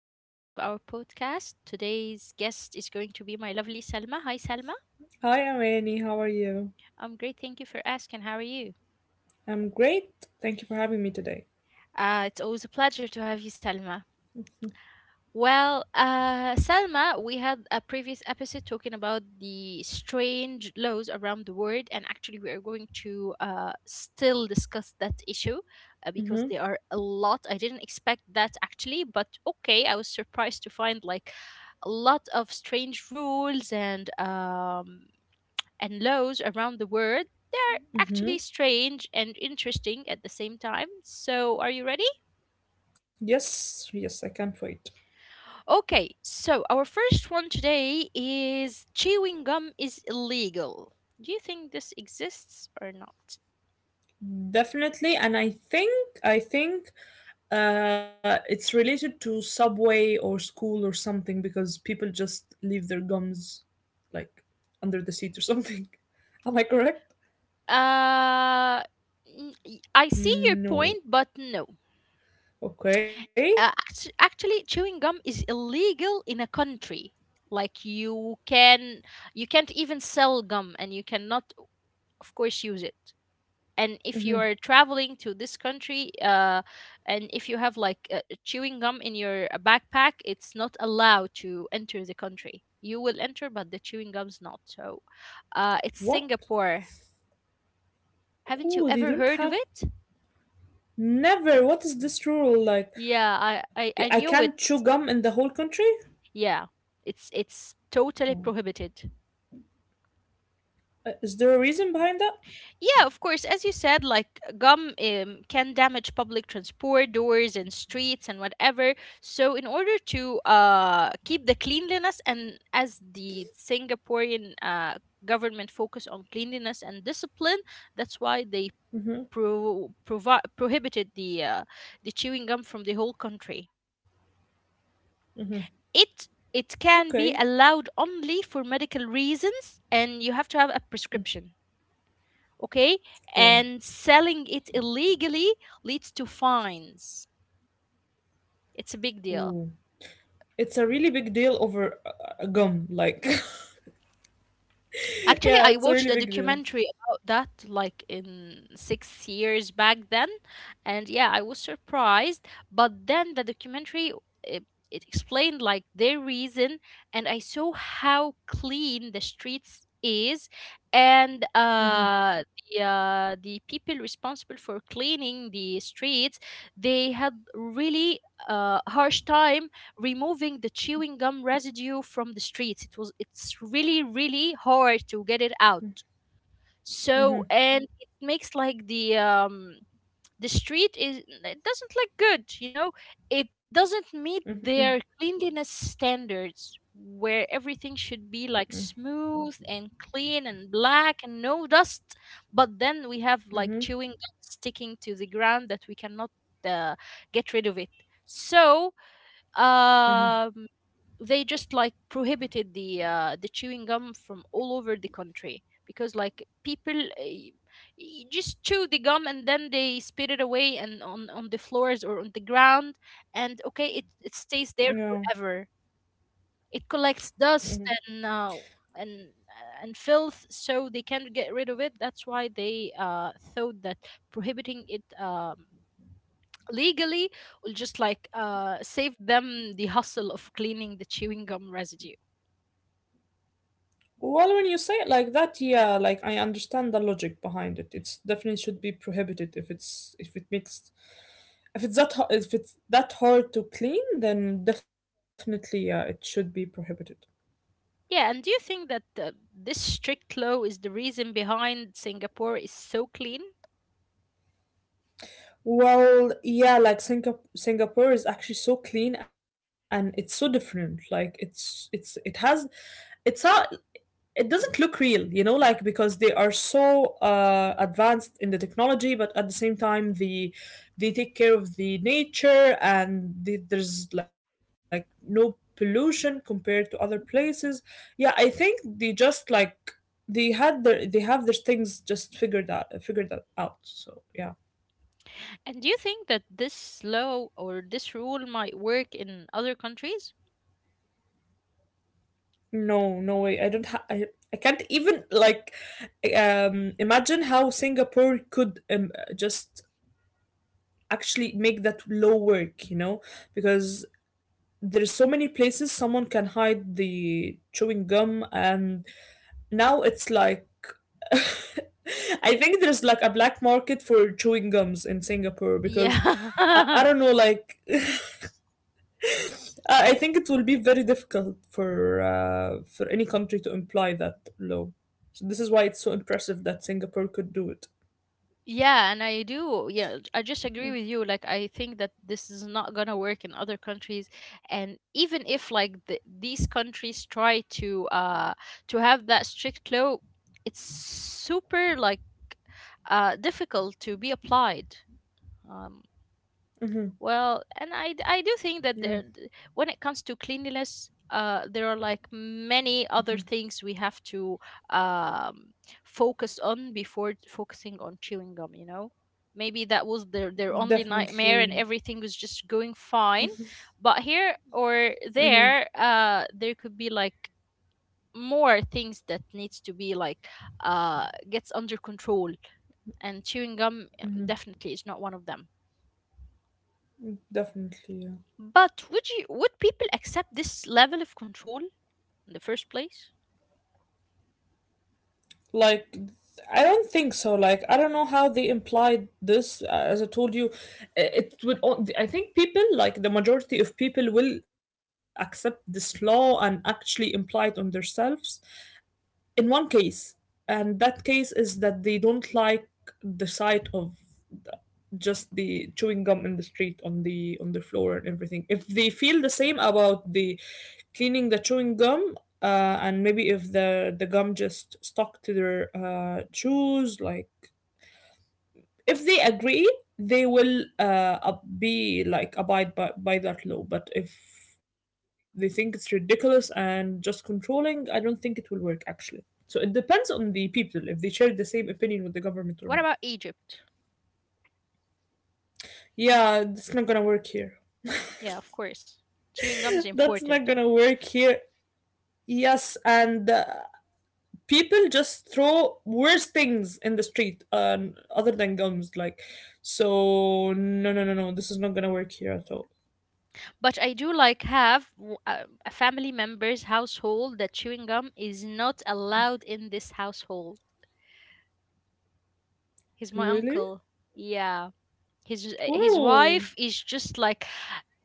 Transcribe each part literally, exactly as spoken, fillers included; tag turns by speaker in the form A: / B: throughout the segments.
A: a new episode of our podcast. Today's guest is going to be my lovely Selma. Hi, Selma.
B: Hi, I'm Annie. How are you?
A: I'm great. Thank you for asking. How are you?
B: I'm great. Thank you for having me today.
A: Uh, it's always a pleasure to have you, Selma. Well, uh, Selma, we had a previous episode talking about the strange laws around the world, and actually, we are going to uh, still discuss that issue uh,
B: Mm-hmm.
A: because there are a lot. I didn't expect that actually, but okay, I was surprised to find like a lot of strange rules and um, and laws around the world. They're
B: Mm-hmm.
A: actually strange and interesting at the same time. So, are you ready?
B: Yes, yes, I can't wait.
A: Okay, so our first one today is chewing gum is illegal. Do you think this exists or not?
B: Definitely. And I think, I think uh, it's related to subway or school or something because people just leave their gums like under the seat or something. Am I correct?
A: Uh, n- y- I see your
B: No.
A: point, but no.
B: Okay.
A: Uh, act- actually, chewing gum is illegal in a country. Like you can, you can't even sell gum, and you cannot, of course, use it. And if you
B: Mm-hmm.
A: are traveling to this country uh, and if you have like uh, chewing gum in your uh, backpack, it's not allowed to enter the country. You will enter, but the chewing gum's not. So uh, it's
B: What?
A: Singapore. Haven't you
B: Oh, they
A: ever
B: don't
A: heard of
B: have.
A: it?
B: Never. What is this rule? Like,
A: Yeah, i
B: I
A: i, I
B: can't
A: knew
B: chew
A: it.
B: gum in the whole country?
A: Yeah, it's it's totally
B: Oh.
A: prohibited.
B: Uh, Is there a reason behind that?
A: Yeah, of course. As you said, like gum um, can damage public transport, doors, and streets, and whatever. So, in order to uh, keep the cleanliness, and as the Singaporean uh, government focus on cleanliness and discipline, that's why they pro- provi- prohibited the uh, the chewing gum from the whole country. It it
B: Okay.
A: can be allowed only for medical reasons, and you have to have a prescription. Okay.
B: Oh.
A: And selling it illegally leads to fines. It's a big deal.
B: Ooh. It's a really big deal over uh, uh, gum. Like,
A: Actually,
B: yeah,
A: I
B: it's a
A: watched
B: really
A: a
B: big deal.
A: documentary about that like in six years back then, and yeah, I was surprised. But then the documentary it, it explained like their reason, and I saw how clean the streets is, and
B: Mm-hmm,
A: uh, the uh, the people responsible for cleaning the streets, they had really uh, harsh time removing the chewing gum residue from the streets. It was it's really really hard to get it out. So,
B: mm-hmm.
A: and it makes like the um the street is it doesn't look good, you know? It doesn't meet their cleanliness standards where everything should be like smooth and clean and black and no dust, but then we have like chewing gum sticking to the ground that we cannot uh, get rid of it. So um they just like prohibited the uh, the chewing gum from all over the country, because like people uh, y- y- just chew the gum and then they spit it away and on on the floors or on the ground. And okay, it, it
B: Yeah.
A: stays there forever. It collects
B: Hmm.
A: dust and uh, and and filth, so they can't get rid of it. That's why they uh, thought that prohibiting it um, legally will just like uh, save them the hustle of cleaning the chewing gum residue.
B: Well, when you say it like that, yeah, like I understand the logic behind it. It's definitely should be prohibited if it's if it makes, if it's that ho- if it's that hard to clean, then definitely yeah, it should be prohibited.
A: Yeah, and do you think that uh, this strict law is the reason behind Singapore is so clean?
B: Well, yeah, like Singap Singapore is actually so clean and it's so different. Like it's it's it has, it's not, it doesn't look real, you know, like because they are so uh advanced in the technology, but at the same time the they take care of the nature and the, there's like no pollution compared to other places. Yeah, I think they just like they had their they have their things just figured out figured that out. So yeah.
A: And do you think that this law or this rule might work in other countries?
B: No, no way. I don't ha- I, I can't even like um imagine how Singapore could um, just actually make that law work, you know? Because there's so many places someone can hide the chewing gum and now it's like I think there's like a black market for chewing gums in Singapore because I, I
A: Yeah.
B: don't know like. Uh, I think it will be very difficult for uh, for any country to imply that law. So this is why it's so impressive that Singapore could do it.
A: Yeah, and I do. Yeah, I just agree with you. Like, I think that this is not gonna work in other countries, and even if like the, these countries try to uh to have that strict law, it's super like uh difficult to be applied. Um,
B: Mm-hmm.
A: Well, and I, d- I do think that
B: Yeah,
A: there, d- when it comes to cleanliness, uh, there are like many other things we have to um, focus on before t- focusing on chewing gum, you know? Maybe that was their, their only nightmare
B: definitely.
A: and everything was just going fine. But here or
B: Mm-hmm.
A: there, uh, there could be like more things that needs to be like uh, gets under control. And chewing gum um, definitely is not one of them.
B: Definitely. Yeah.
A: But would you would people accept this level of control in the first place?
B: Like, I don't think so. Like, I don't know how they implied this. Uh, as I told you, it would. I think people, like the majority of people, will accept this law and actually imply it on themselves in one case, and that case is that they don't like the sight of the- just the chewing gum in the street on the on the floor and everything, if they feel the same about the cleaning the chewing gum, uh, and maybe if the the gum just stuck to their uh, shoes, like if they agree they will uh, ab- be like abide by, by that law. But if they think it's ridiculous and just controlling, I don't think it will work actually. So it depends on the people if they share the same opinion with the government or not.
A: What about Egypt?
B: Yeah, it's not gonna work here.
A: Yeah, of course. Chewing gum is
B: That's not
A: important.
B: gonna work here. Yes, and uh, people just throw worse things in the street, um, other than gums, like, so no, no, no, no, this is not gonna work here at all.
A: But I do like have w- a a family member's household that chewing gum is not allowed in this household. He's my
B: Really?
A: uncle. Yeah. His uh, his
B: Whoa.
A: wife is just like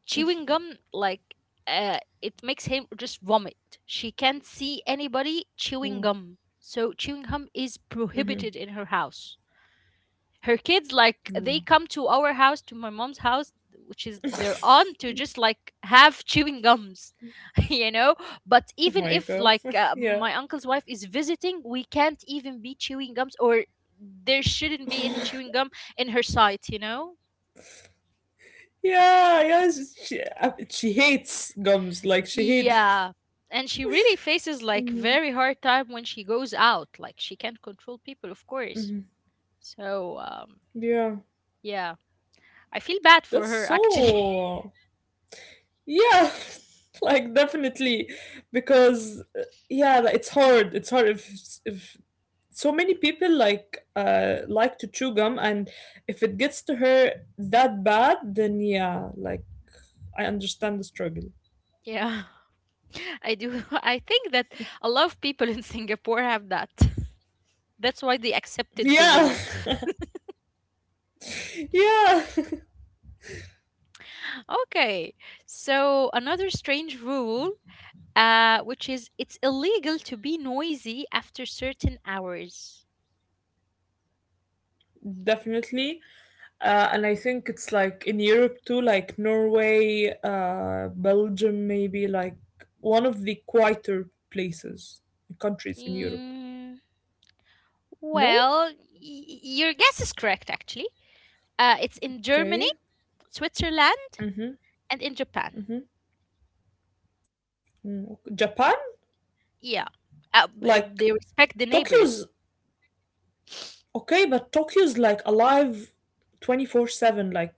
A: chewing gum, like uh, it makes him just vomit. She can't see anybody chewing
B: Mm,
A: gum. So chewing gum is prohibited in her house. Her kids like they
B: mm.
A: come to our house, to my mom's house, which is
B: Oh
A: their aunt, to just like have chewing gums. You know, but even
B: my
A: if
B: god.
A: like uh,
B: Yeah.
A: my uncle's wife is visiting, we can't even be chewing gums, or there shouldn't be any chewing gum in her sight, you know.
B: Yeah, yeah. She, she, uh, she hates gums. Like, she hate.
A: Yeah. And she really faces like
B: Mhm,
A: very hard time when she goes out. Like she can't control people, of course.
B: mhm.
A: So um
B: Yeah.
A: yeah. I feel bad for
B: That's
A: her actually.
B: so. Yeah. Like, definitely. Because, uh, yeah, like, it's hard. It's hard if, if so many people like uh like to chew gum, and if it gets to her that bad, then yeah, like, I understand the struggle.
A: Yeah. I do. I think that a lot of people in Singapore have that. That's why they accepted the
B: Yeah.
A: rule.
B: Yeah.
A: Okay. So another strange rule uh which is it's illegal to be noisy after certain hours.
B: Definitely. Uh, and I think it's like in Europe too, like Norway, uh, Belgium, maybe like one of the quieter places, countries in Europe.
A: Mm.
B: No?
A: Well, y- your guess is correct, actually. Uh, it's in Germany,
B: Okay.
A: Switzerland,
B: Mm-hmm, mm-hmm.
A: and in Japan.
B: Mm, Japan?
A: Yeah, uh, b- uh,
B: Like
A: they respect the
B: Tokyo's
A: neighbors.
B: okay, but Tokyo's like alive twenty-four seven, like,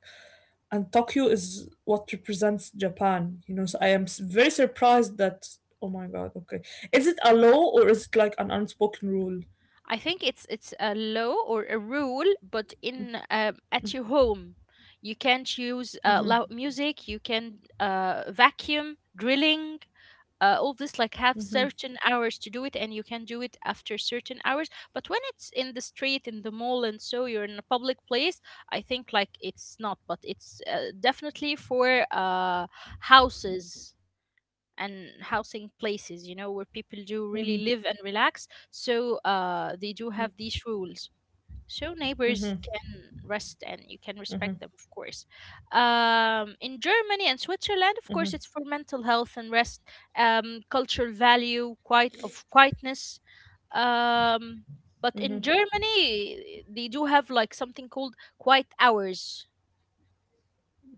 B: and Tokyo is what represents Japan, you know. So I am s- very surprised that, oh my god, okay. Is it a law or is it like an unspoken rule?
A: I think it's it's a law or a rule, but in um at your home, you can't use uh, loud music. You can uh, vacuum, drilling, uh, all this like have certain hours to do it, and you can do it after certain hours. But when it's in the street, in the mall and so you're in a public place, I think like it's not. But it's uh, definitely for uh, houses
B: Mm-hmm,
A: and housing places, you know, where people do really live and relax. So uh, they do have these rules so neighbors can rest and you can respect them, of course. Um, in Germany and Switzerland, of course it's for mental health and rest. Um, cultural value quite of quietness.
B: mm-hmm.
A: um, but in Germany they do have like something called quiet hours.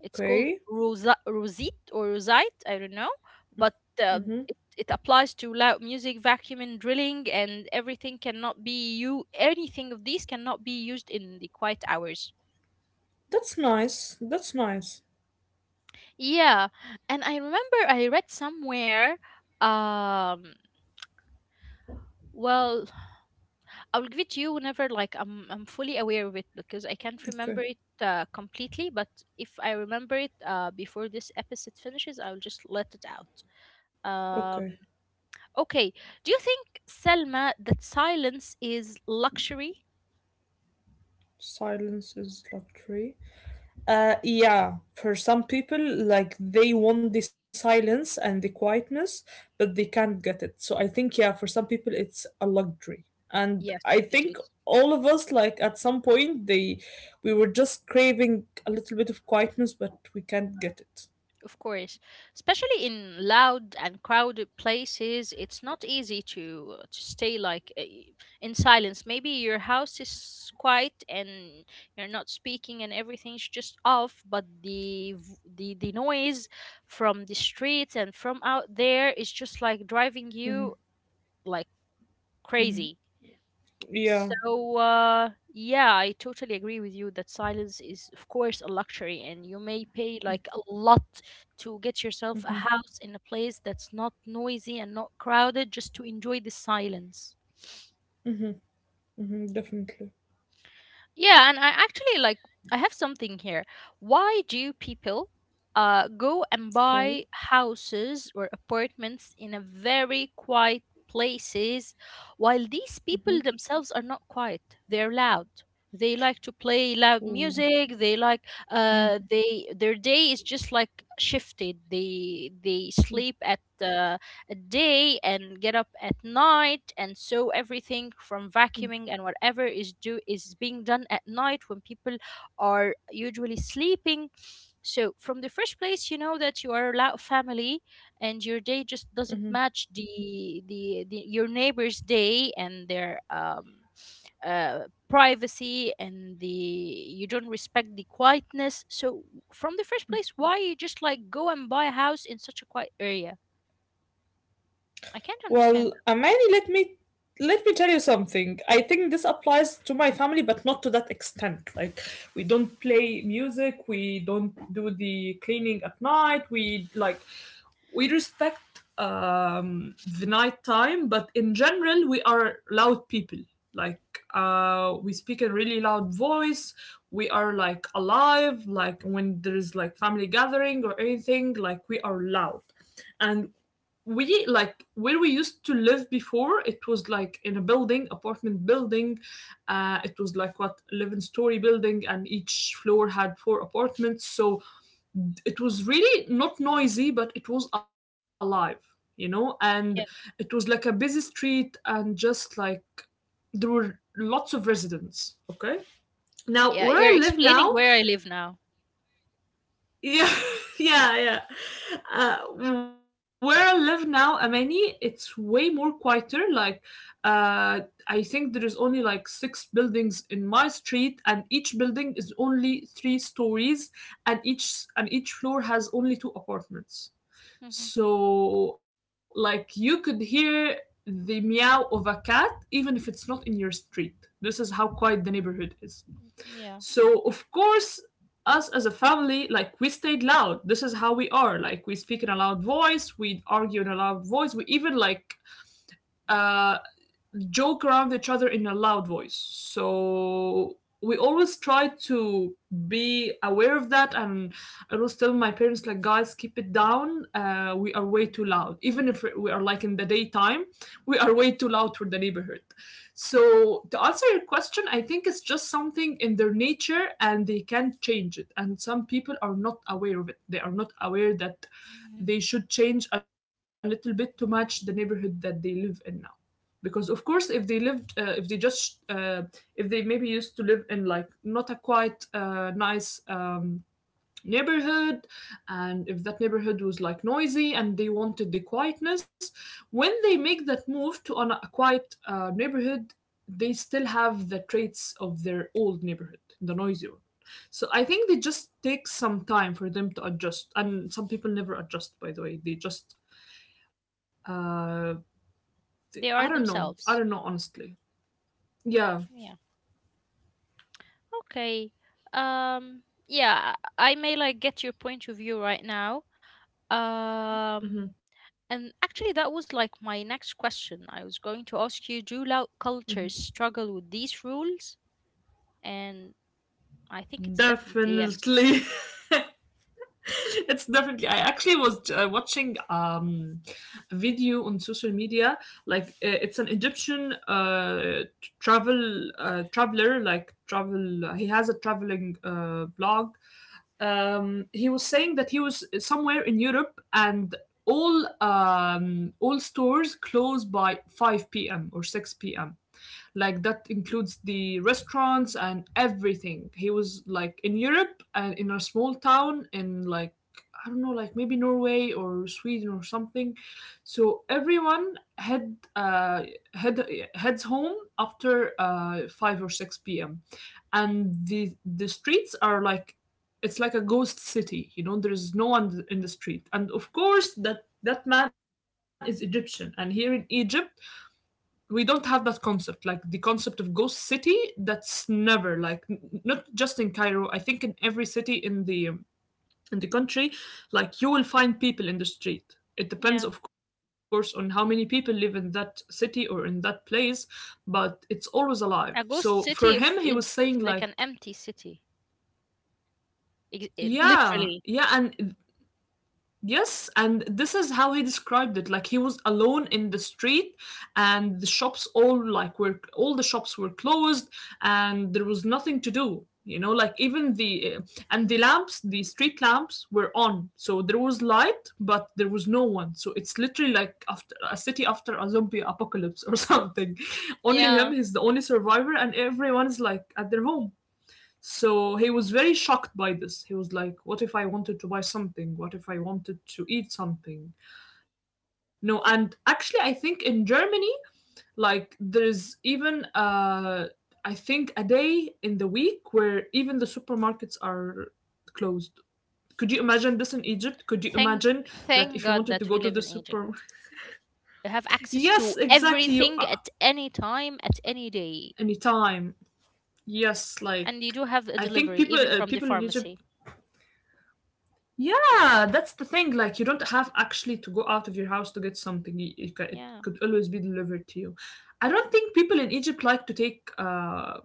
A: It's called rosa- rosite or rosite, I don't know. But uh,
B: Mm-hmm.
A: it, it applies to loud music, vacuuming, drilling, and everything cannot be you. Anything of these cannot be used in the quiet hours.
B: That's nice. That's nice.
A: Yeah, and I remember I read somewhere. Um, well, I'll give it to you whenever like I'm I'm fully aware of it because I can't
B: Okay.
A: remember it uh, completely. But if I remember it uh, before this episode finishes, I'll just let it out.
B: Okay.
A: Um, Okay. Do you think, Selma, that silence is luxury?
B: Silence is luxury. Uh, yeah. For some people, like they want the silence and the quietness, but they can't get it. So I think, yeah, for some people, it's a luxury. And I
A: Yes, it
B: think
A: is.
B: all of us, like at some point, they we were just craving a little bit of quietness, but we can't get it.
A: Of course, especially in loud and crowded places, it's not easy to uh, to stay like uh, in silence. Maybe your house is quiet and you're not speaking and everything's just off, but the v- the the noise from the streets and from out there is just like driving you like crazy.
B: Yeah.
A: So, uh, yeah, I totally agree with you that silence is, of course, a luxury, and you may pay like a lot to get yourself a house in a place that's not noisy and not crowded just to enjoy the silence.
B: Mm-hmm, definitely.
A: Yeah, and I actually like I have something here. Why do people uh go and buy houses or apartments in a very quiet places while these people themselves are not quiet? They're loud. They like to play loud
B: Okay.
A: music. They like uh they their day is just like shifted. They they sleep at uh, at day and get up at night, and so everything from vacuuming and whatever is do is being done at night when people are usually sleeping. So from the first place you know that you are a loud family, and your day just doesn't match the the, the your neighbor's day and their um uh, privacy, and the you don't respect the quietness. So from the first place, why you just like go and buy a house in such a quiet area? I can't understand.
B: Well, Amani, let me let me tell you something. I think this applies to my family, but not to that extent. Like we don't play music, we don't do the cleaning at night. We like, we respect um the night time, but in general we are loud people. Like uh we speak in really loud voice. We are like alive, like when there is like family gathering or anything, like we are loud. And we like where we used to live before, it was like in a building, apartment building. Uh it was like what, eleven story building, and each floor had four apartments. So it was really not noisy, but it was alive, you know.
A: Yeah.
B: And it was like a busy street, and just like there were lots of residents. Okay,
A: Yeah, you're
B: now where i
A: explaining
B: live
A: where I live
B: now
A: now.
B: yeah, yeah, yeah. Uh, where I live now, Amani, it's way more quieter. Like, uh, I think there is only like six buildings in my street, and each building is only three stories, and each and each floor has only two apartments.
A: Hmm.
B: So, like, you could hear the meow of a cat even if it's not in your street. This is how quiet the neighborhood is.
A: Yeah.
B: So of course, us as a family, like we stayed loud. This is how we are. Like we speak in a loud voice. We argue in a loud voice. We even like uh joke around each other in a loud voice. So we always try to be aware of that. And I always tell my parents, like, guys, keep it down. Uh, we are way too loud, even if we are like in the daytime. We are way too loud for the neighborhood. So to answer your question, I think it's just something in their nature and they can't change it. And some people are not aware of it, they are not aware that
A: Hmm.
B: they should change a little bit to match the neighborhood that they live in now. Because of course, if they lived uh, if they just uh, if they maybe used to live in like not a quite uh, nice um, neighborhood, and if that neighborhood was like noisy and they wanted the quietness, when they make that move to an, a quiet uh, neighborhood, they still have the traits of their old neighborhood, the noisy one. So I think they just take some time for them to adjust, and some people never adjust, by the way. They just uh they, I
A: They
B: don't
A: are
B: know, I don't know
A: themselves.
B: honestly. Yeah,
A: Yeah. Okay. Um yeah, I I may like get your point of view right now. Um
B: mhm,
A: and actually that was like my next question. I was going to ask you, do loud cultures struggle with these rules? And I think it's definitely yes.
B: definitely. It's definitely. I actually was uh, watching um, a video on social media. Like uh, it's an Egyptian uh, t- travel uh, traveler. Like travel, he has a traveling uh, blog. Um, he was saying that he was somewhere in Europe, and all um, all stores close by five p m or six p m. Like that includes the restaurants and everything. He was like in Europe and in a small town in like, I don't know, like maybe Norway or Sweden or something. So everyone head uh, head heads home after uh, five or six p m And the the streets are like, it's like a ghost city. You know, there is no one in the street, and of course that, that man is Egyptian, and here in Egypt we don't have that concept, like the concept of ghost city. That's never like n- not just in Cairo. I think in every city in the um, in the country, like you will find people in the street. It depends
A: Yeah.
B: of course on how many people live in that city or in that place, but it's always alive. So
A: A
B: for
A: ghost
B: him, he was
A: city if,
B: saying
A: is,
B: like,
A: is like an empty city. Ex- it-
B: yeah,
A: literally.
B: yeah, and yes, and this is how he described it. Like he was alone in the street, and the shops all like were all the shops were closed, and there was nothing to do. You know, like even the uh, and the lamps, the street lamps were on, so there was light, but there was no one. So it's literally like after a city after a zombie apocalypse or something. Only him,
A: Yeah.
B: he's the only survivor, and everyone is like at their home. So he was very shocked by this. He was like, what if I wanted to buy something? What if I wanted to eat something? No, and actually, I think in Germany, like, there's even, uh, I think, a day in the week where even the supermarkets are closed. Could you imagine this in Egypt? Could you
A: Thank
B: imagine that
A: Thank
B: if you
A: God
B: wanted to
A: that
B: go
A: we
B: to the
A: live in
B: super?
A: Egypt. You have access
B: Yes,
A: to
B: exactly. You,
A: everything
B: uh,
A: at any time, at any day.
B: anytime. Yes, like
A: And you do have a
B: I think
A: delivery
B: people
A: even
B: uh,
A: from the
B: people in Egypt.
A: pharmacy.
B: Yeah, that's the thing. Like, you don't have actually to go out of your house to get something. Y- It, ca- it
A: Yeah.
B: could always be delivered to you. I don't think people in Egypt like to take uh,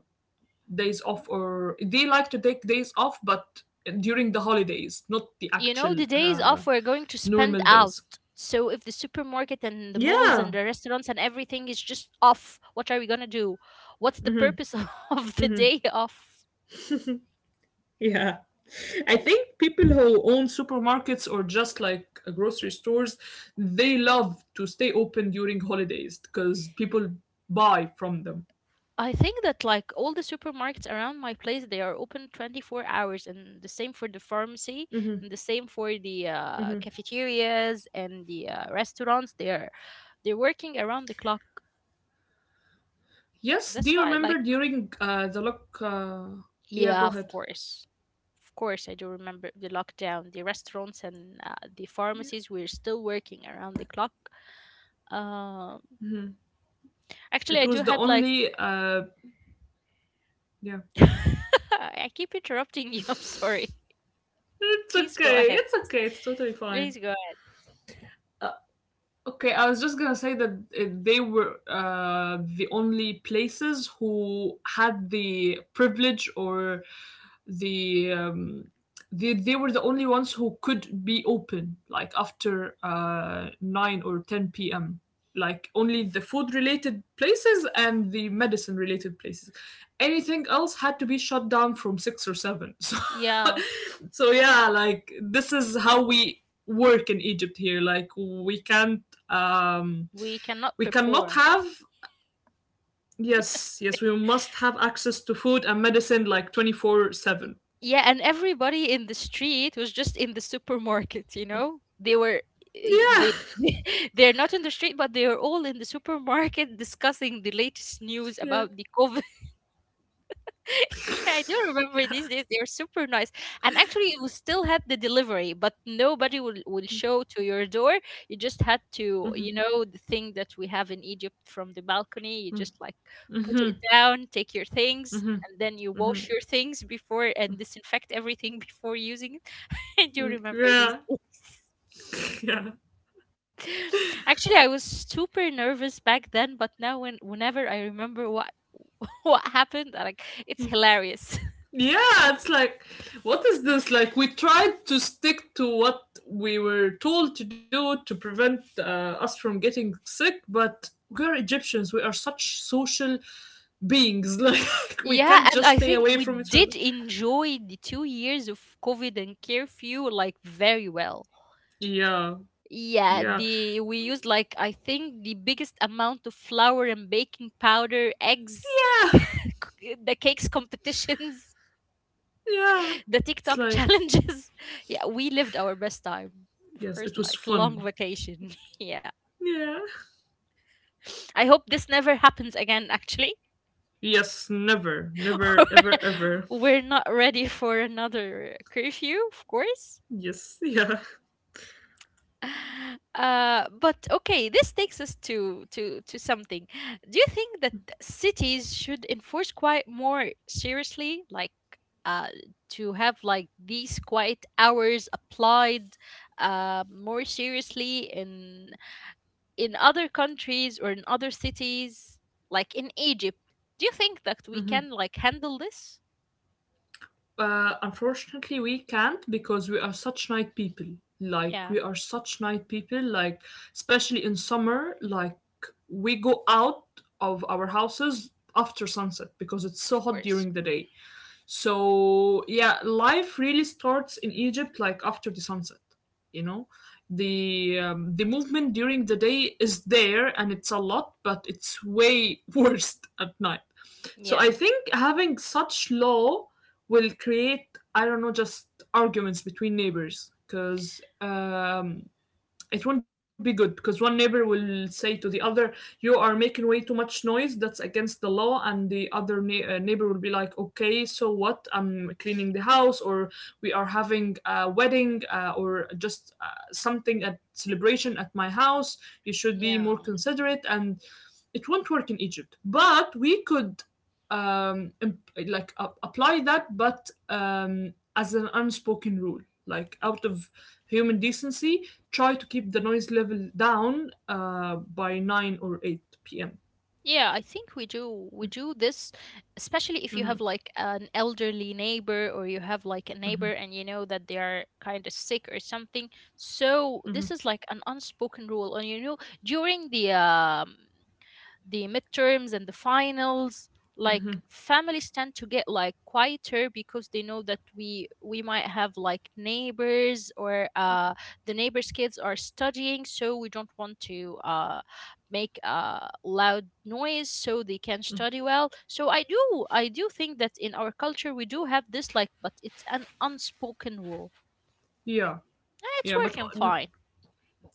B: days off, or they like to take days off, but during the holidays, not the
A: You know,
B: actual
A: the days
B: uh,
A: off we're going to spend
B: normal
A: out.
B: days.
A: So if the supermarket and the malls and
B: Yeah,
A: the restaurants and everything is just off, what are we gonna do? What's the purpose of the day off?
B: yeah. I think people who own supermarkets or just like uh, grocery stores, they love to stay open during holidays because people buy from them.
A: I think that like all the supermarkets around my place, they are open twenty-four hours, and the same for the pharmacy, and the same for the uh, cafeterias and the uh, restaurants. They are they're working around the clock.
B: Yes, do
A: That's
B: you
A: why, like,
B: remember during uh, the lock? Uh, Yeah, go
A: yeah, of
B: ahead.
A: course, of course, I do remember the lockdown. The restaurants and uh, the
B: Yeah.
A: pharmacies were still working around the clock. Um,
B: Mhm.
A: Actually,
B: It
A: I
B: was
A: do
B: the
A: had like
B: only. Uh, Yeah,
A: I keep interrupting you. I'm sorry.
B: it's
A: Please go
B: okay.
A: ahead.
B: It's okay. It's totally fine.
A: Please go.
B: Okay, I was just gonna say that uh, they were uh, the only places who had the privilege or the um, they, they were the only ones who could be open like after uh, nine or ten p m. Like only the food related places and the medicine related places, anything else had to be shut down from six or seven. So,
A: Yeah,
B: so yeah, like this is how we work in Egypt here. Like we can't, um,
A: we cannot
B: we cannot
A: perform.
B: have. Yes, yes, we must have access to food and medicine like twenty four seven.
A: Yeah, and everybody in the street was just in the supermarket, you know? They were y-
B: Yeah,
A: they they're not in the street, but they are all in the supermarket discussing the latest news
B: yeah.
A: about the COVID. I do remember these days. They're super nice. And actually, you still had the delivery, but nobody will, will show to your door. You just had to, you know, the thing that we have in Egypt from the balcony. You just like put
B: Mhm,
A: it down, take your things,
B: mhm,
A: and then you
B: mhm,
A: wash your things before and disinfect everything before using it. I do
B: mm,
A: remember these
B: yeah,
A: days.
B: yeah.
A: Actually, I was super nervous back then, but now when whenever I remember what what happened, like it's hilarious.
B: Yeah, it's like, what is this? Like, we tried to stick to what we were told to do to prevent uh, us from getting sick, but we're Egyptians. We are such social beings. Like, we can't
A: Yeah,
B: just
A: and I
B: stay
A: think
B: away
A: we
B: from each other.
A: did enjoy the two years of COVID and curfew like very well.
B: Yeah,
A: Yeah,
B: yeah,
A: the we used like I think the biggest amount of flour and baking powder, eggs,
B: yeah,
A: c- the cakes competitions,
B: yeah.
A: the
B: It's
A: TikTok
B: like,
A: challenges. Yeah, we lived our best time.
B: yes,
A: First
B: it was
A: like long
B: fun.
A: vacation. Yeah.
B: Yeah.
A: I hope this never happens again actually.
B: Yes, never, never, ever, ever.
A: We're not ready for another uh, curfew, of course.
B: Yes, yeah.
A: Uh, but okay, this takes us to to to something. Do you think that cities should enforce quiet more seriously, like uh, to have like these quiet hours applied uh, more seriously in in other countries or in other cities, like in Egypt? Do you think that we
B: Mhm.
A: can like handle this?
B: Uh, unfortunately, we can't because we are such night people. Like
A: Yeah,
B: we are such night people. Like especially in summer, like we go out of our houses after sunset because it's so
A: of
B: hot
A: course.
B: during the day. So yeah, life really starts in Egypt like after the sunset. You know, the um, the movement during the day is there and it's a lot, but it's way worse at night. So I
A: Yeah,
B: think having such law will create, I don't know, just arguments between neighbors because um, it won't be good because one neighbor will say to the other, "You are making way too much noise. That's against the law." And the other nei- uh, neighbor will be like, "Okay, so what? I'm cleaning the house, or we are having a wedding, uh, or just uh, something at celebration at my house. You should be
A: yeah.
B: more considerate." And it won't work in Egypt, but we could um imp- like a- apply that but um as an unspoken rule. Like, out of human decency, try to keep the noise level down uh, by nine or eight p m
A: Yeah, I think we do we do this, especially if you
B: Hmm.
A: have like an elderly neighbor or you have like a neighbor and you know that they are kind of sick or something. So this
B: Hmm.
A: is like an unspoken rule, and you know during the um the midterms and the finals like families tend to get like quieter because they know that we we might have like neighbors or uh the neighbors kids are studying, so we don't want to uh make a loud noise so they can study well. So i do i do think that in our culture we do have this, like, but it's an unspoken rule
B: Yeah,
A: and it's
B: yeah, but
A: working fine.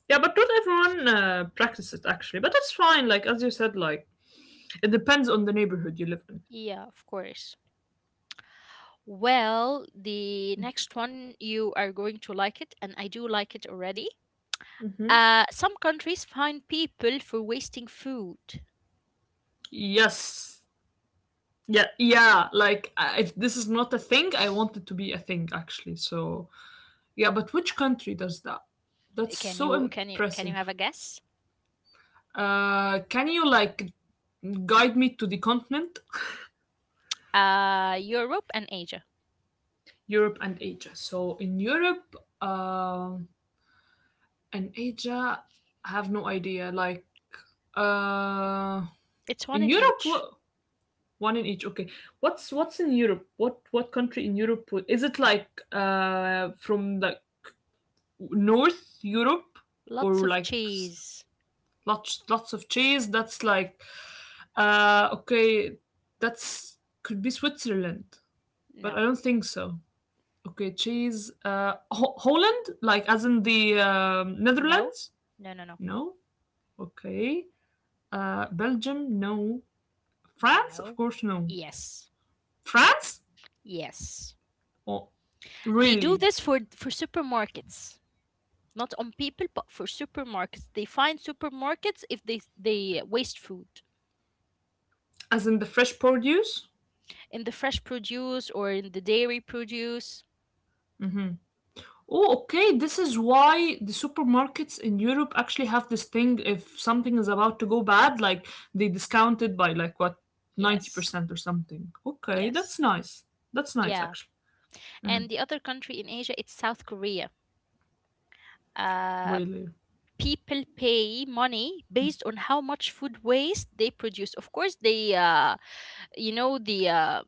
B: yeah, but not everyone uh, practices it actually. But that's fine. Like as you said, like it depends on the neighborhood you live in.
A: Yeah, of course. Well, the next one you are going to like it, and I do like it already.
B: Hmm.
A: Uh, some countries fine people for wasting food.
B: Yes. Yeah, yeah. Like uh, if this is not a thing, I want it to be a thing actually. So yeah, but which country does that? That's
A: Can
B: so
A: you can you can you have
B: impressive.
A: a guess?
B: Uh, can you like guide me to the continent?
A: Uh, Europe and Asia.
B: Europe and Asia. So in Europe uh, and Asia, I have no idea. Like uh,
A: It's one
B: in
A: in
B: Europe,
A: each.
B: what, one in each. Okay, what's what's in Europe? What what country in Europe is it? Like uh, from like North Europe
A: Lots
B: or
A: of
B: like
A: cheese.
B: lots lots of cheese? That's like, uh, okay, that's, could be Switzerland, but I
A: No,
B: don't think so. Okay, cheese. Uh, Ho- Holland, like as in the um,
A: no,
B: Netherlands?
A: no, no, no,
B: No. Okay. Uh, Belgium, no. France, of
A: no.
B: course, no.
A: Yes,
B: France?
A: yes.
B: Oh,
A: They do
B: really?
A: this for for supermarkets, not on people, but for supermarkets. They fine supermarkets if they they waste food.
B: As in the fresh produce?
A: In the fresh produce or in the dairy produce.
B: Oh, okay. This is why the supermarkets in Europe actually have this thing. If something is about to go bad, like they discount it by like what, ninety
A: Yes,
B: percent or something. Okay, that's
A: yes,
B: nice. That's nice,
A: yeah.
B: actually. Hmm.
A: And the other country in Asia, it's South Korea. Uh,
B: Really.
A: people pay money based on how much food waste they produce. Of course, they, uh, you know, the uh,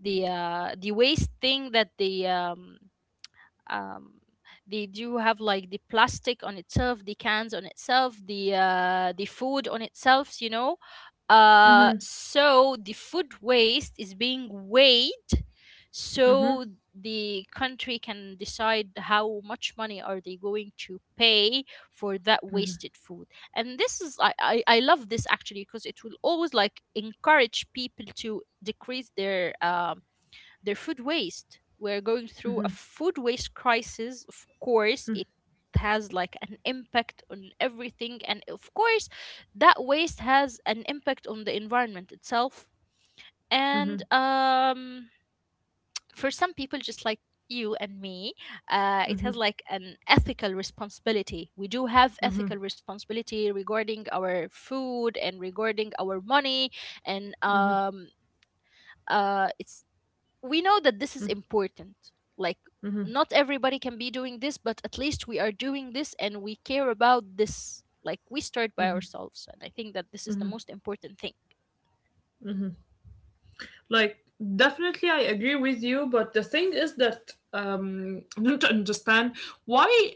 A: the uh, the waste thing that they um, um, they do have like the plastic on itself, the cans on itself, the uh, the food on itself, you know. Uh,
B: Hmm.
A: so the food waste is being weighed,
B: Hmm.
A: so the country can decide how much money are they going to pay for that wasted food. And this is i i, I love this actually because it will always like encourage people to decrease their um their food waste. We're going through a food waste crisis. Of course, it has like an impact on everything. And of course, that waste has an impact on the environment itself. And um, for some people, just like you and me, uh, it
B: Hmm.
A: has like an ethical responsibility. We do have
B: Hmm.
A: ethical responsibility regarding our food and regarding our money, and um, uh, it's we know that this is important. Like,
B: Mhm.
A: not everybody can be doing this, but at least we are doing this and we care about this. Like, we start by ourselves. And I think that this is the most important thing.
B: Like, definitely, I agree with you, but the thing is that um, I don't understand why,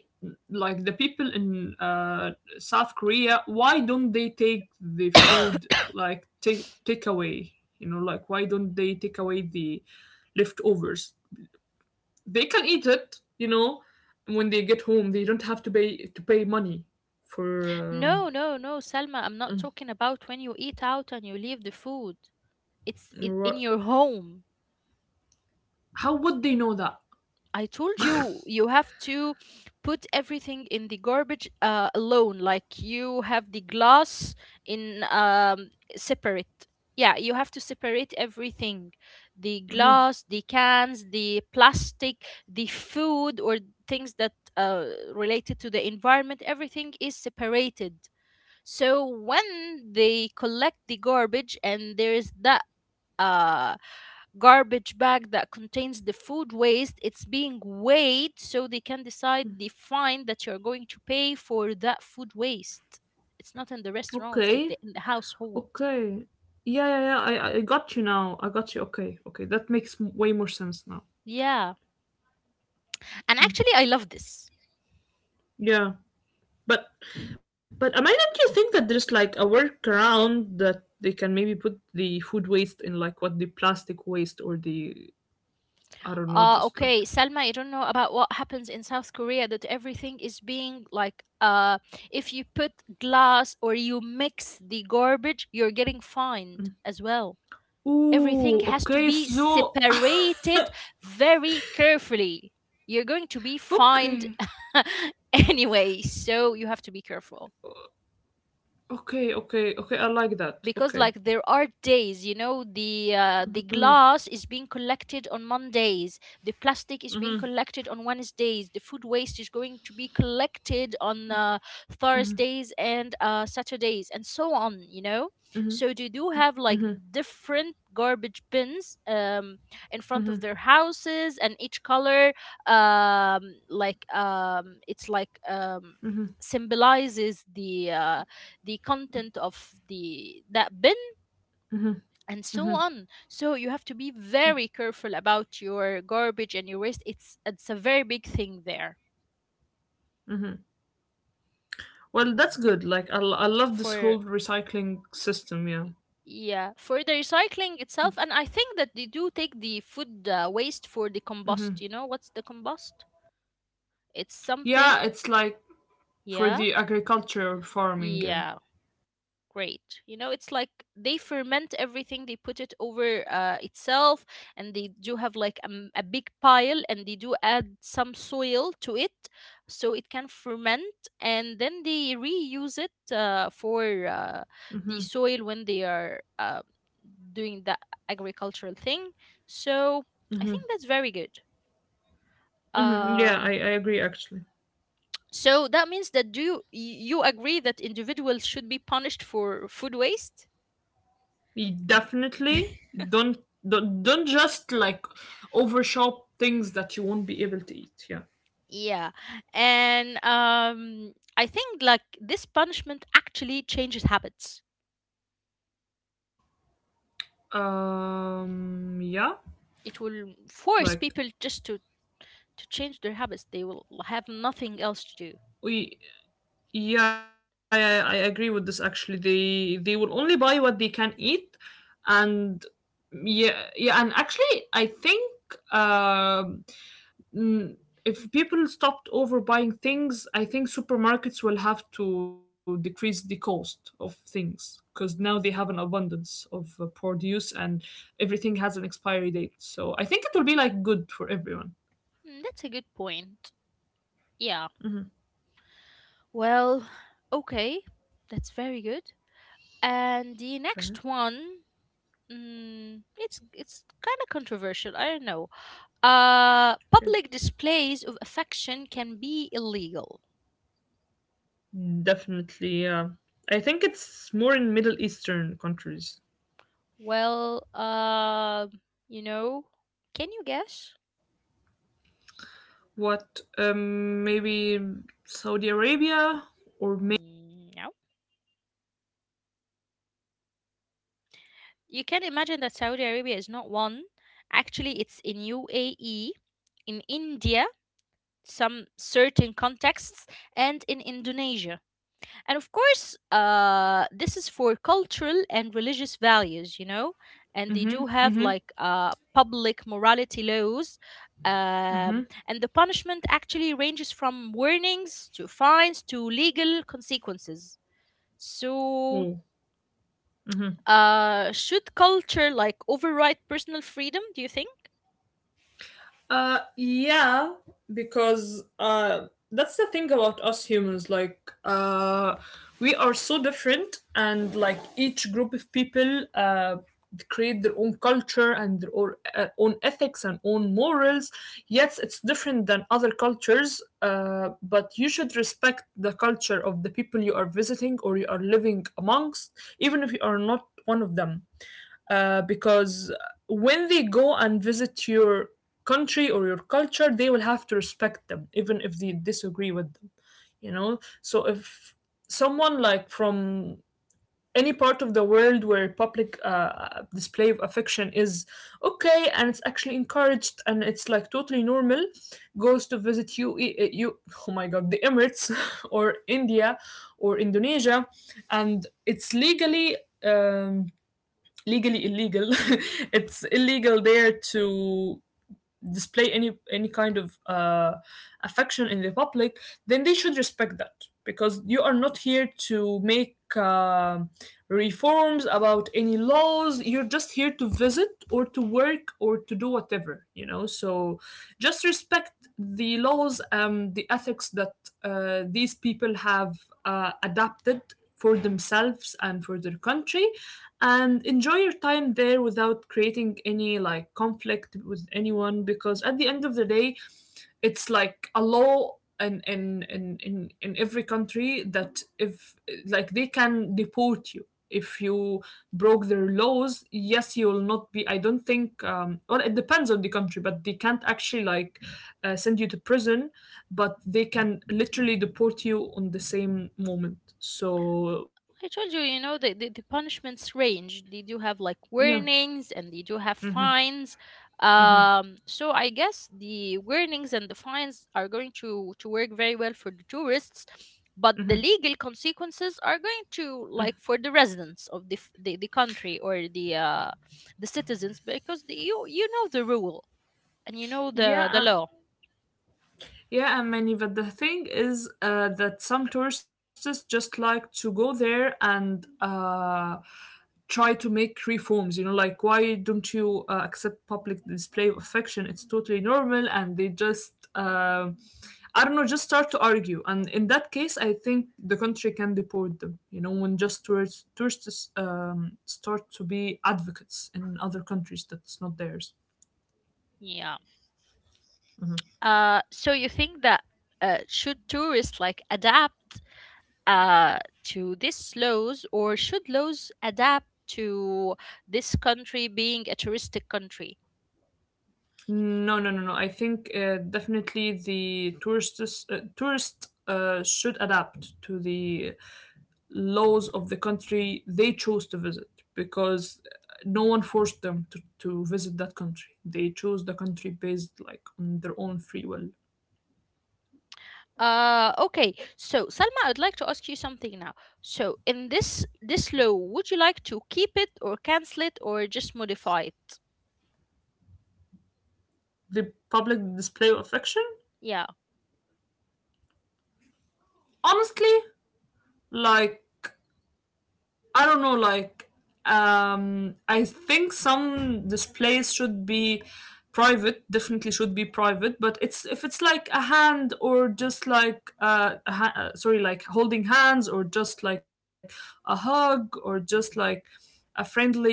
B: like, the people in uh, South Korea, why don't they take the food, like, take take away? You know, like, why don't they take away the leftovers? They can eat it, you know, when they get home. They don't have to pay to pay money for
A: No,
B: um,
A: no, no, Salma, I'm not
B: mm,
A: talking about when you eat out and you leave the food. It's I in
B: what?
A: your home.
B: How would they know that?
A: I told you you have to put everything in the garbage uh, alone, like you have the glass in um, separate. Yeah, you have to separate everything, the glass, the cans, the plastic, the food, or things that uh, related to the environment. Everything is separated. So when they collect the garbage and there is that Uh, garbage bag that contains the food waste, it's being weighed, so they can decide the fine that you're going to pay for that food waste. It's not in the restaurants, it's
B: Okay.
A: in the household.
B: Okay. Yeah, yeah, yeah. I, I got you now. I got you. Okay, okay. That makes m- way more sense now.
A: Yeah, and actually I love this.
B: Yeah, but but am I not you think that there's like a workaround that they can maybe put the food waste in like what the plastic waste or the, I don't know,
A: Uh,
B: just like.
A: okay, Salma, you don't know about what happens in South Korea, that everything is being like, uh if you put glass or you mix the garbage, you're getting fined
B: Mm.
A: as well. Everything
B: Ooh.
A: has to
B: Okay.
A: be
B: So.
A: separated very carefully. You're going to be fined
B: Okay.
A: anyway, so you have to be careful.
B: Okay. Okay. Okay. I like that. Okay.
A: Because like there are days, you know, the uh, the
B: Mm.
A: glass is being collected on Mondays, the plastic is being
B: Mm-hmm,
A: collected on Wednesdays, the food waste is going to be collected on uh, Thursdays and uh, Saturdays and so on, you know.
B: mm-hmm,
A: So they do have
B: mm-hmm,
A: like different garbage bins, um, in front
B: mm-hmm,
A: of their houses, and each color, um, like um, it's like, um, symbolizes the uh, the content of the that bin.
B: mm-hmm.
A: And so on, so you have to be very careful about your garbage and your waste. It's it's a very big thing there.
B: Well, that's good. Like, I, l- I love this
A: For,
B: whole recycling system. Yeah.
A: yeah, for the recycling itself. And I think that they do take the food uh, waste for the compost. You know what's the compost? It's something.
B: Yeah, it's like for
A: Yeah,
B: the agriculture farming. Yeah.
A: yeah, great. You know, it's like they ferment everything, they put it over uh, itself, and they do have like a, m- a big pile, and they do add some soil to it so it can ferment, and then they reuse it uh, for uh,
B: Mm-hmm,
A: the soil when they are uh, doing the agricultural thing. So I
B: mm-hmm,
A: think that's very good.
B: mm-hmm. Yeah, I,
A: Um,
B: I agree. Actually,
A: so that means that do you, you agree that individuals should be punished for food waste?
B: you definitely don't don't don't just like overshop things that you won't be able to eat. Yeah.
A: Yeah. And um, I think like this punishment actually changes habits.
B: Um. Yeah.
A: It will force people
B: Like
A: just to, to change their habits. They will have nothing else to do.
B: we. Yeah, yeah. I agree with this. Actually, they they will only buy what they can eat, and yeah, yeah. And actually, I think um mm, if people stopped overbuying things, I think supermarkets will have to decrease the cost of things because now they have an abundance of uh, produce and everything has an expiry date. So I think it will be like good for everyone.
A: Mm, that's a good point. Yeah. Well, okay. That's very good. And the
B: Okay.
A: next one, mm, it's it's kind of controversial. I don't know. Uh,
B: Okay.
A: public displays of affection can be illegal.
B: Definitely. Yeah. I think it's more in Middle Eastern countries.
A: Well, uh, you know, can you guess?
B: What? Um. Maybe Saudi Arabia or maybe.
A: Mm, no. You can imagine that Saudi Arabia is not one. Actually, it's in U A E, in India, some certain contexts, and in Indonesia. And of course, uh, this is for cultural and religious values, you know, and they
B: Mm-hmm.
A: do have
B: Mm-hmm.
A: like uh, public morality laws. Um, and the punishment actually ranges from warnings to fines to legal consequences. So,
B: Oh.
A: uh, should culture like override personal freedom, do you think?
B: Uh, yeah, because uh, that's the thing about us humans. Like, uh, we are so different, and like each group of people uh, create their own culture and their own, uh, own ethics and own morals. Yes, it's different than other cultures, uh, but you should respect the culture of the people you are visiting or you are living amongst, even if you are not one of them, uh, because when they go and visit your country or your culture, they will have to respect them, even if they disagree with them, you know? So if someone like from any part of the world where public uh, display of affection is okay and it's actually encouraged and it's like totally normal goes to visit you you, oh my god, the Emirates, or India or Indonesia, and it's legally um, legally illegal. It's illegal there to display any any kind of uh, affection in the public, then they should respect that because you are not here to make uh, reforms about any laws. You're just here to visit or to work or to do whatever, you know. So just respect the laws and the ethics that uh, these people have uh, adapted for themselves and for their country and enjoy your time there without creating any like conflict with anyone, because at the end of the day it's like a law in in in in, in every country that if, like, they can deport you if you broke their laws. Yes, you will not be, I don't think, um, well, it depends on the country, but they can't actually like uh, send you to prison, but they can literally deport you on the same moment. So
A: I told you, you know, the, the, the punishments range. They do have like
B: yeah.
A: warnings and they do have fines. Um, so I guess the warnings and the fines are going to, to work very well for the tourists, but the legal consequences are going to like for the residents of the f- the, the country or the uh, the citizens because the, you you know the rule and you know the
B: Yeah,
A: the
B: um,
A: law.
B: yeah, and many, but the thing is uh, that some tourists just like to go there and uh, try to make reforms. You know, like why don't you uh, accept public display of affection? It's totally normal, and they just. Uh, I don't know, just start to argue, and in that case, I think the country can deport them. You know, when just tourists tourists um, start to be advocates in other countries that's not theirs.
A: Yeah. Uh, so you think that uh, should tourists like adapt uh, to these laws, or should laws adapt to this country being a touristic country?
B: No, no, no, no. I think uh, definitely the tourists uh, tourists uh, should adapt to the laws of the country they chose to visit because no one forced them to, to visit that country. They chose the country based like on their own free will.
A: Uh, okay, so Salma, I'd like to ask you something now. So, in this this law, would you like to keep it or cancel it or just modify it?
B: The public display of affection,
A: Yeah.
B: honestly, like I don't know, like, um, I think some displays should be private, definitely should be private, but it's if it's like a hand or just like uh, a ha- uh, sorry, like holding hands or just like a hug or just like a friendly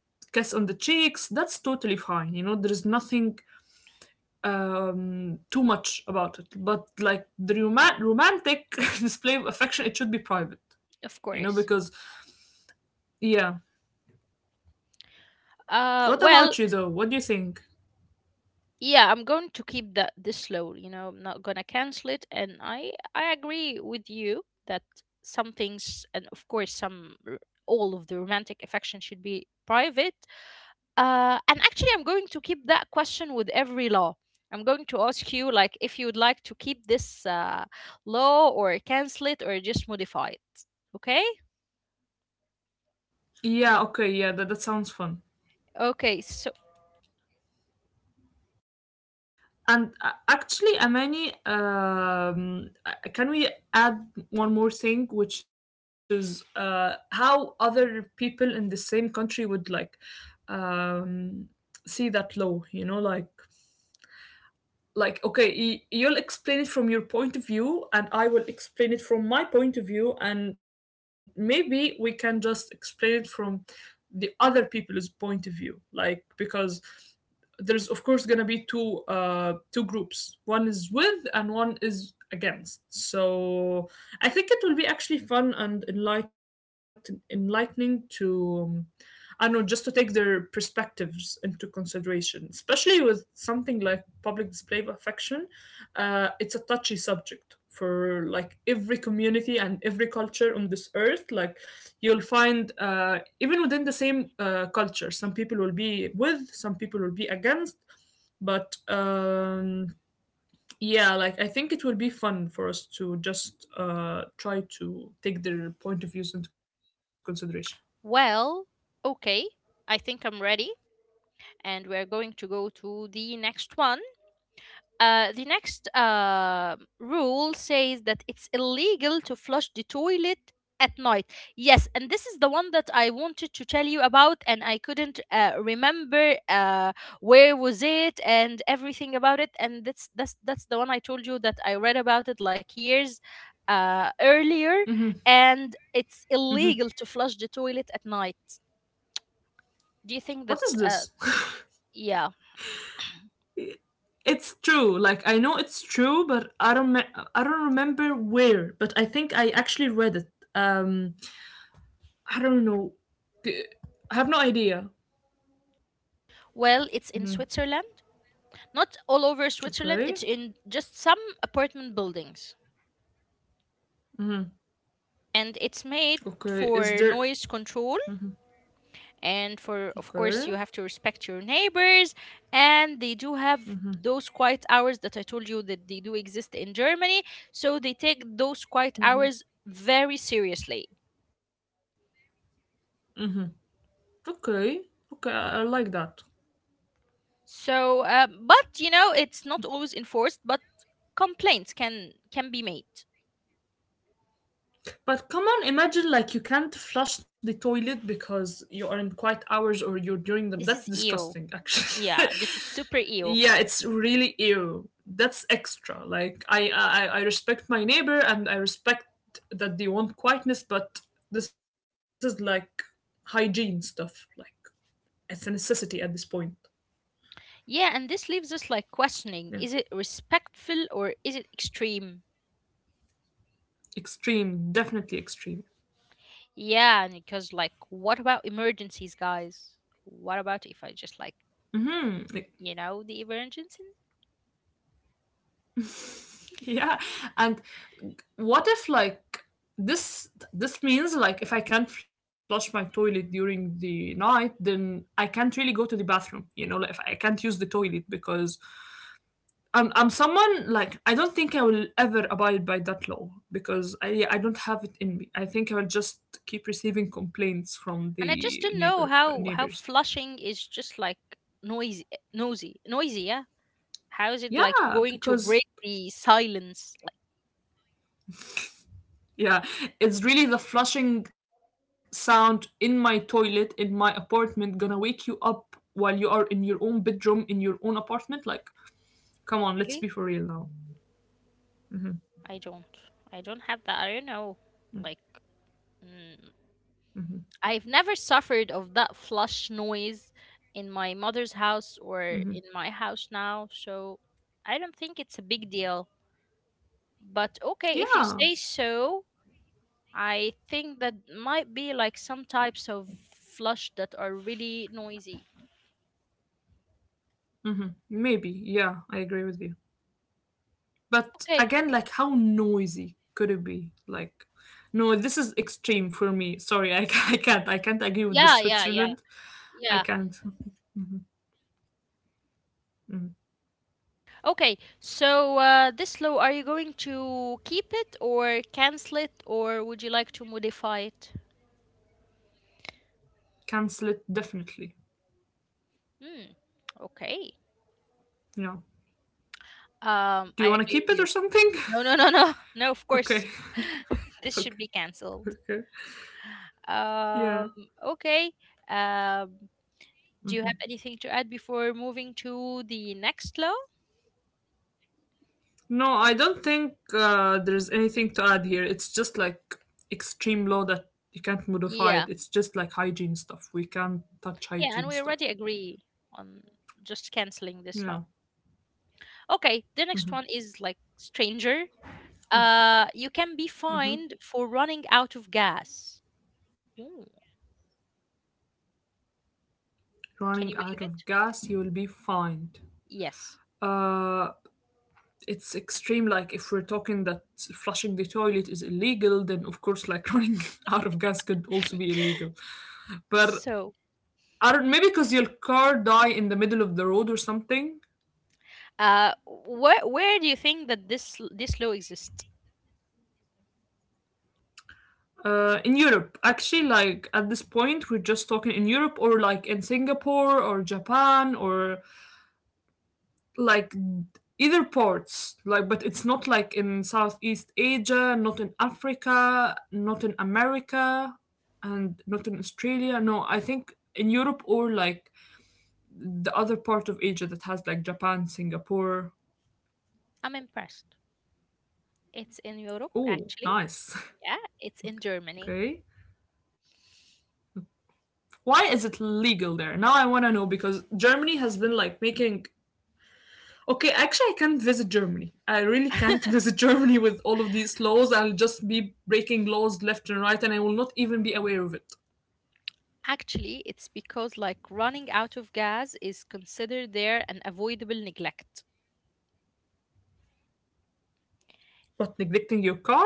B: kiss on the cheeks, that's totally fine. You know, there is nothing um too much about it, but like the roman- romantic display of affection, it should be private, you know,
A: Of
B: because
A: course.
B: yeah. What
A: Uh,
B: about you
A: well,
B: though? What do you think?
A: yeah, I'm going to keep that this low, you know, I'm not gonna cancel it, and i i agree with you that some things, and of course some r- all of the romantic affection should be private. Uh, and actually I'm going to keep that question with every law. I'm going to ask you like if you would like to keep this uh law or cancel it or just modify it. Okay.
B: Yeah, okay, yeah, that, that sounds fun.
A: Okay, so,
B: And uh, actually, Amani, um, uh, can we add one more thing, which is uh, how other people in the same country would like um, see that law? You know, like like okay you'll explain it from your point of view and I will explain it from my point of view, and maybe we can just explain it from the other people's point of view, like because there's of course going to be two uh two groups, one is with and one is against. So I think it will be actually fun and enlighten enlightening to um, I don't know, just to take their perspectives into consideration, especially with something like public display of affection. Uh, it's a touchy subject for like every community and every culture on this earth. Like you'll find uh, even within the same uh, culture, some people will be with, some people will be against. But um, yeah, like I think it will be fun for us to just uh, try to take their point of views into consideration.
A: well, okay, I think I'm ready, and we're going to go to the next one. Uh, the next uh, rule says that it's illegal to flush the toilet at night. Yes, and this is the one that I wanted to tell you about, and I couldn't uh, remember uh, where was it and everything about it. And that's that's that's the one I told you that I read about it like years uh, earlier, and it's
B: Mhm.
A: illegal to flush the toilet at night. Do you
B: What
A: think
B: is
A: that?
B: this?
A: Uh, yeah.
B: It's true, like I know it's true, but I don't me- I don't remember where, but I think I actually read it. um I don't know. I have no idea.
A: Well, it's in
B: Mhm.
A: Switzerland. Not all over Switzerland,
B: Okay.
A: it's in just some apartment buildings. And it's made
B: Okay, is
A: for
B: there?
A: noise control and, for, of
B: Okay.
A: course, you have to respect your neighbors. And they do have those quiet hours that I told you that they do exist in Germany. So they take those quiet hours very seriously.
B: Okay. Okay, I, I like that.
A: So, uh, but you know, it's not always enforced, but complaints can can be made.
B: But come on, imagine like you can't flush the toilet because you are in quiet hours or you're during them.
A: This
B: That's
A: is E O.
B: disgusting actually.
A: Yeah, this is super E O.
B: Yeah, it's really ew. That's extra. Like I, I I respect my neighbor, and I respect that they want quietness, but this is like hygiene stuff. Like, it's a necessity at this point.
A: Yeah, and this leaves us like
B: Yeah,
A: questioning, is it respectful or is it extreme?
B: extreme. Definitely extreme.
A: Yeah, and because like, what about emergencies, guys? What about if I just like,
B: Mm, like,
A: you know, the emergency?
B: yeah. And what if like this this means like if I can't flush my toilet during the night, then I can't really go to the bathroom, you know, like if I can't use the toilet because I'm I'm someone like I don't think I will ever abide by that law because I I don't have it in me. I think I will just keep receiving complaints from
A: And I just
B: the
A: don't know
B: neighbor uh,
A: how how
B: neighbors.
A: flushing is just like noisy, noisy, noisy. Yeah, how is it like
B: Yeah,
A: going to
B: because
A: break the silence? Like
B: yeah, it's really the flushing sound in my toilet in my apartment gonna wake you up while you are in your own bedroom in your own apartment. Like, come on, let's be for
A: really,
B: real now.
A: I don't, I don't have that. I don't know, like. mm, I've never suffered of that flush noise in my mother's house
B: Hmm.
A: or in my house now, so I don't think it's a big deal. But okay, if you
B: Yeah.
A: say so, I think that might be like some types of flush that are really noisy.
B: Hmm, maybe. Yeah, I agree with you. But
A: Okay.
B: again, like how noisy could it be? Like, no, this is extreme for me. Sorry, I, ca- I can't. I can't agree with the
A: Yeah, yeah, yeah.
B: Switzerland. I
A: Yeah.
B: can't. Mm.
A: Okay. So uh, this law, are you going to keep it or cancel it, or would you like to modify it?
B: Cancel it definitely.
A: Hmm. Okay.
B: Yeah.
A: Um,
B: Do
A: I
B: you want to
A: agree
B: keep
A: with
B: it
A: you.
B: or something?
A: No, no, no, no, no. Of course,
B: Okay.
A: this should
B: Okay.
A: be cancelled.
B: Okay. Yeah.
A: Um. Okay. Um. Do
B: Hmm.
A: you have anything to add before moving to the next law?
B: No, I don't think uh, there's anything to add here. It's just like extreme law that you can't modify
A: Yeah.
B: it. It's just like hygiene stuff. We can't touch
A: Yeah, and
B: hygiene
A: we
B: stuff.
A: already agree on just canceling this law.
B: Yeah.
A: Okay, the next one is like stranger. Uh, you can be fined for running out of gas. Ooh, can you
B: Running
A: believe
B: out
A: it?
B: of gas, you will be fined.
A: Yes.
B: uh, it's extreme. Like if we're talking that flushing the toilet is illegal, then of course, like running out of gas could also be illegal. But
A: So,
B: I don't, maybe because your car die in the middle of the road or something.
A: uh, where where do you think that this l- this law exists?
B: Uh, in Europe, actually, like at this point, we're just talking in Europe or like in Singapore or Japan or like either parts, like but it's not like in southeast Asia, not in Africa, not in America, and not in Australia. No, I think in Europe or like the other part of Asia that has like Japan, Singapore.
A: I'm impressed. It's in Europe,
B: Oh
A: actually.
B: nice.
A: Yeah, it's in Germany.
B: Okay, why is it legal there? Now I want to know because Germany has been like making… Okay, actually, I can't visit Germany. I really can't visit Germany with all of these laws. I'll just be breaking laws left and right, and I will not even be aware of it.
A: Actually, it's because like running out of gas is considered there an avoidable neglect.
B: What, neglecting your car?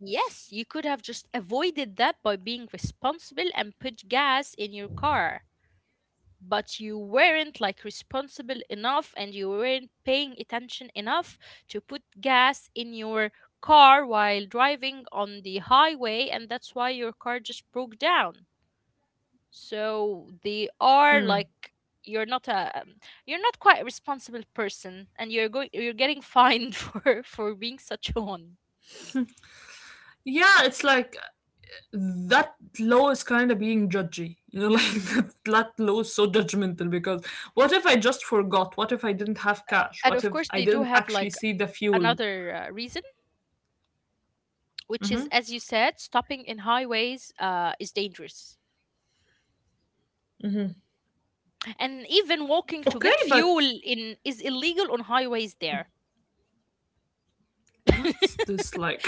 A: Yes, you could have just avoided that by being responsible and put gas in your car. But you weren't like responsible enough and you weren't paying attention enough to put gas in your car while driving on the highway, and that's why your car just broke down. So they are like,
B: Hmm.
A: you're not a um, you're not quite a responsible person, and you're going you're getting fined for for being such a one.
B: Yeah, it's like that law is kind of being judgy. You know, like that, that law is so judgmental because what if I just forgot? What if I didn't have cash?
A: And
B: What
A: of
B: if
A: course,
B: I
A: they do
B: didn't
A: have
B: actually
A: like
B: see the fuel?
A: another uh, reason, which is, as you said, stopping in highways uh, is dangerous, and even walking to
B: Okay,
A: get fuel
B: but
A: in is illegal on highways there.
B: what's
A: I
B: this like?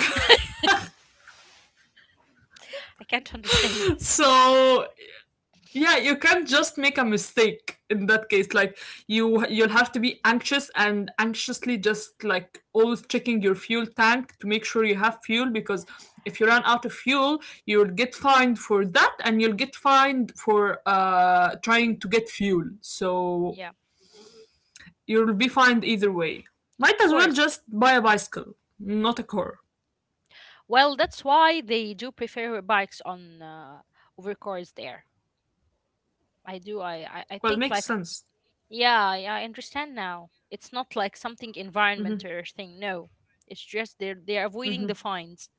A: can't understand this.
B: So yeah, you can't just make a mistake in that case. Like you you'll have to be anxious and anxiously just like always checking your fuel tank to make sure you have fuel because if you run out of fuel, you'll get fined for that, and you'll get fined for uh trying to get fuel. So
A: Yeah,
B: you'll be fined either way. Might
A: of
B: as well
A: course.
B: just buy a bicycle, not a car.
A: Well, that's why they do prefer bikes on uh, over cars there. I do. I, I,
B: Well,
A: I
B: makes
A: think like
B: sense.
A: yeah, yeah, I understand now. It's not like something environmental or thing. No, it's just they're they're avoiding the fines.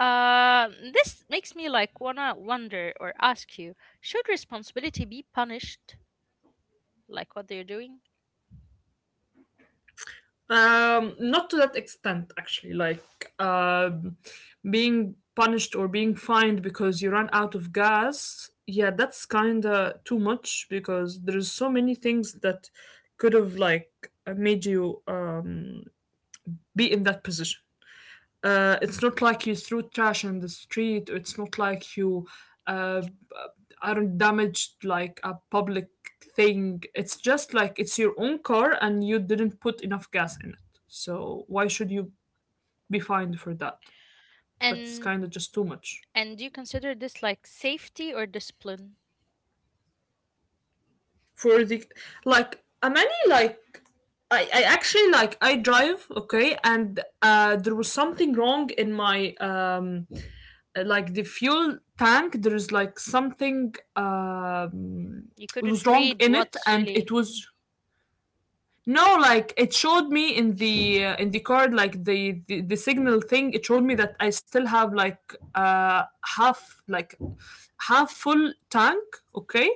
A: Uh, this makes me like wanna wonder or ask you: should responsibility be punished like what they're doing?
B: Um, not to that extent, actually. Like um, being punished or being fined because you run out of gas. Yeah, that's kind of too much because there's so many things that could have like made you um, be in that position. Uh, it's not like you threw trash in the street. Or it's not like you uh, aren't damaged like a public thing. It's just like it's your own car and you didn't put enough gas in it. So why should you be fined for that? That's kind of
A: And
B: just too much.
A: and do you consider this like safety or discipline?
B: For the like, a many like I, I actually like I drive okay, and uh, there was something wrong in my um uh, like the fuel tank. There is like something um,
A: You
B: was
A: couldn't
B: wrong
A: read
B: in it,
A: what's
B: and
A: really.
B: it was no, like it showed me in the uh, in the card, like the, the the signal thing. It showed me that I still have like uh half like half full tank, okay,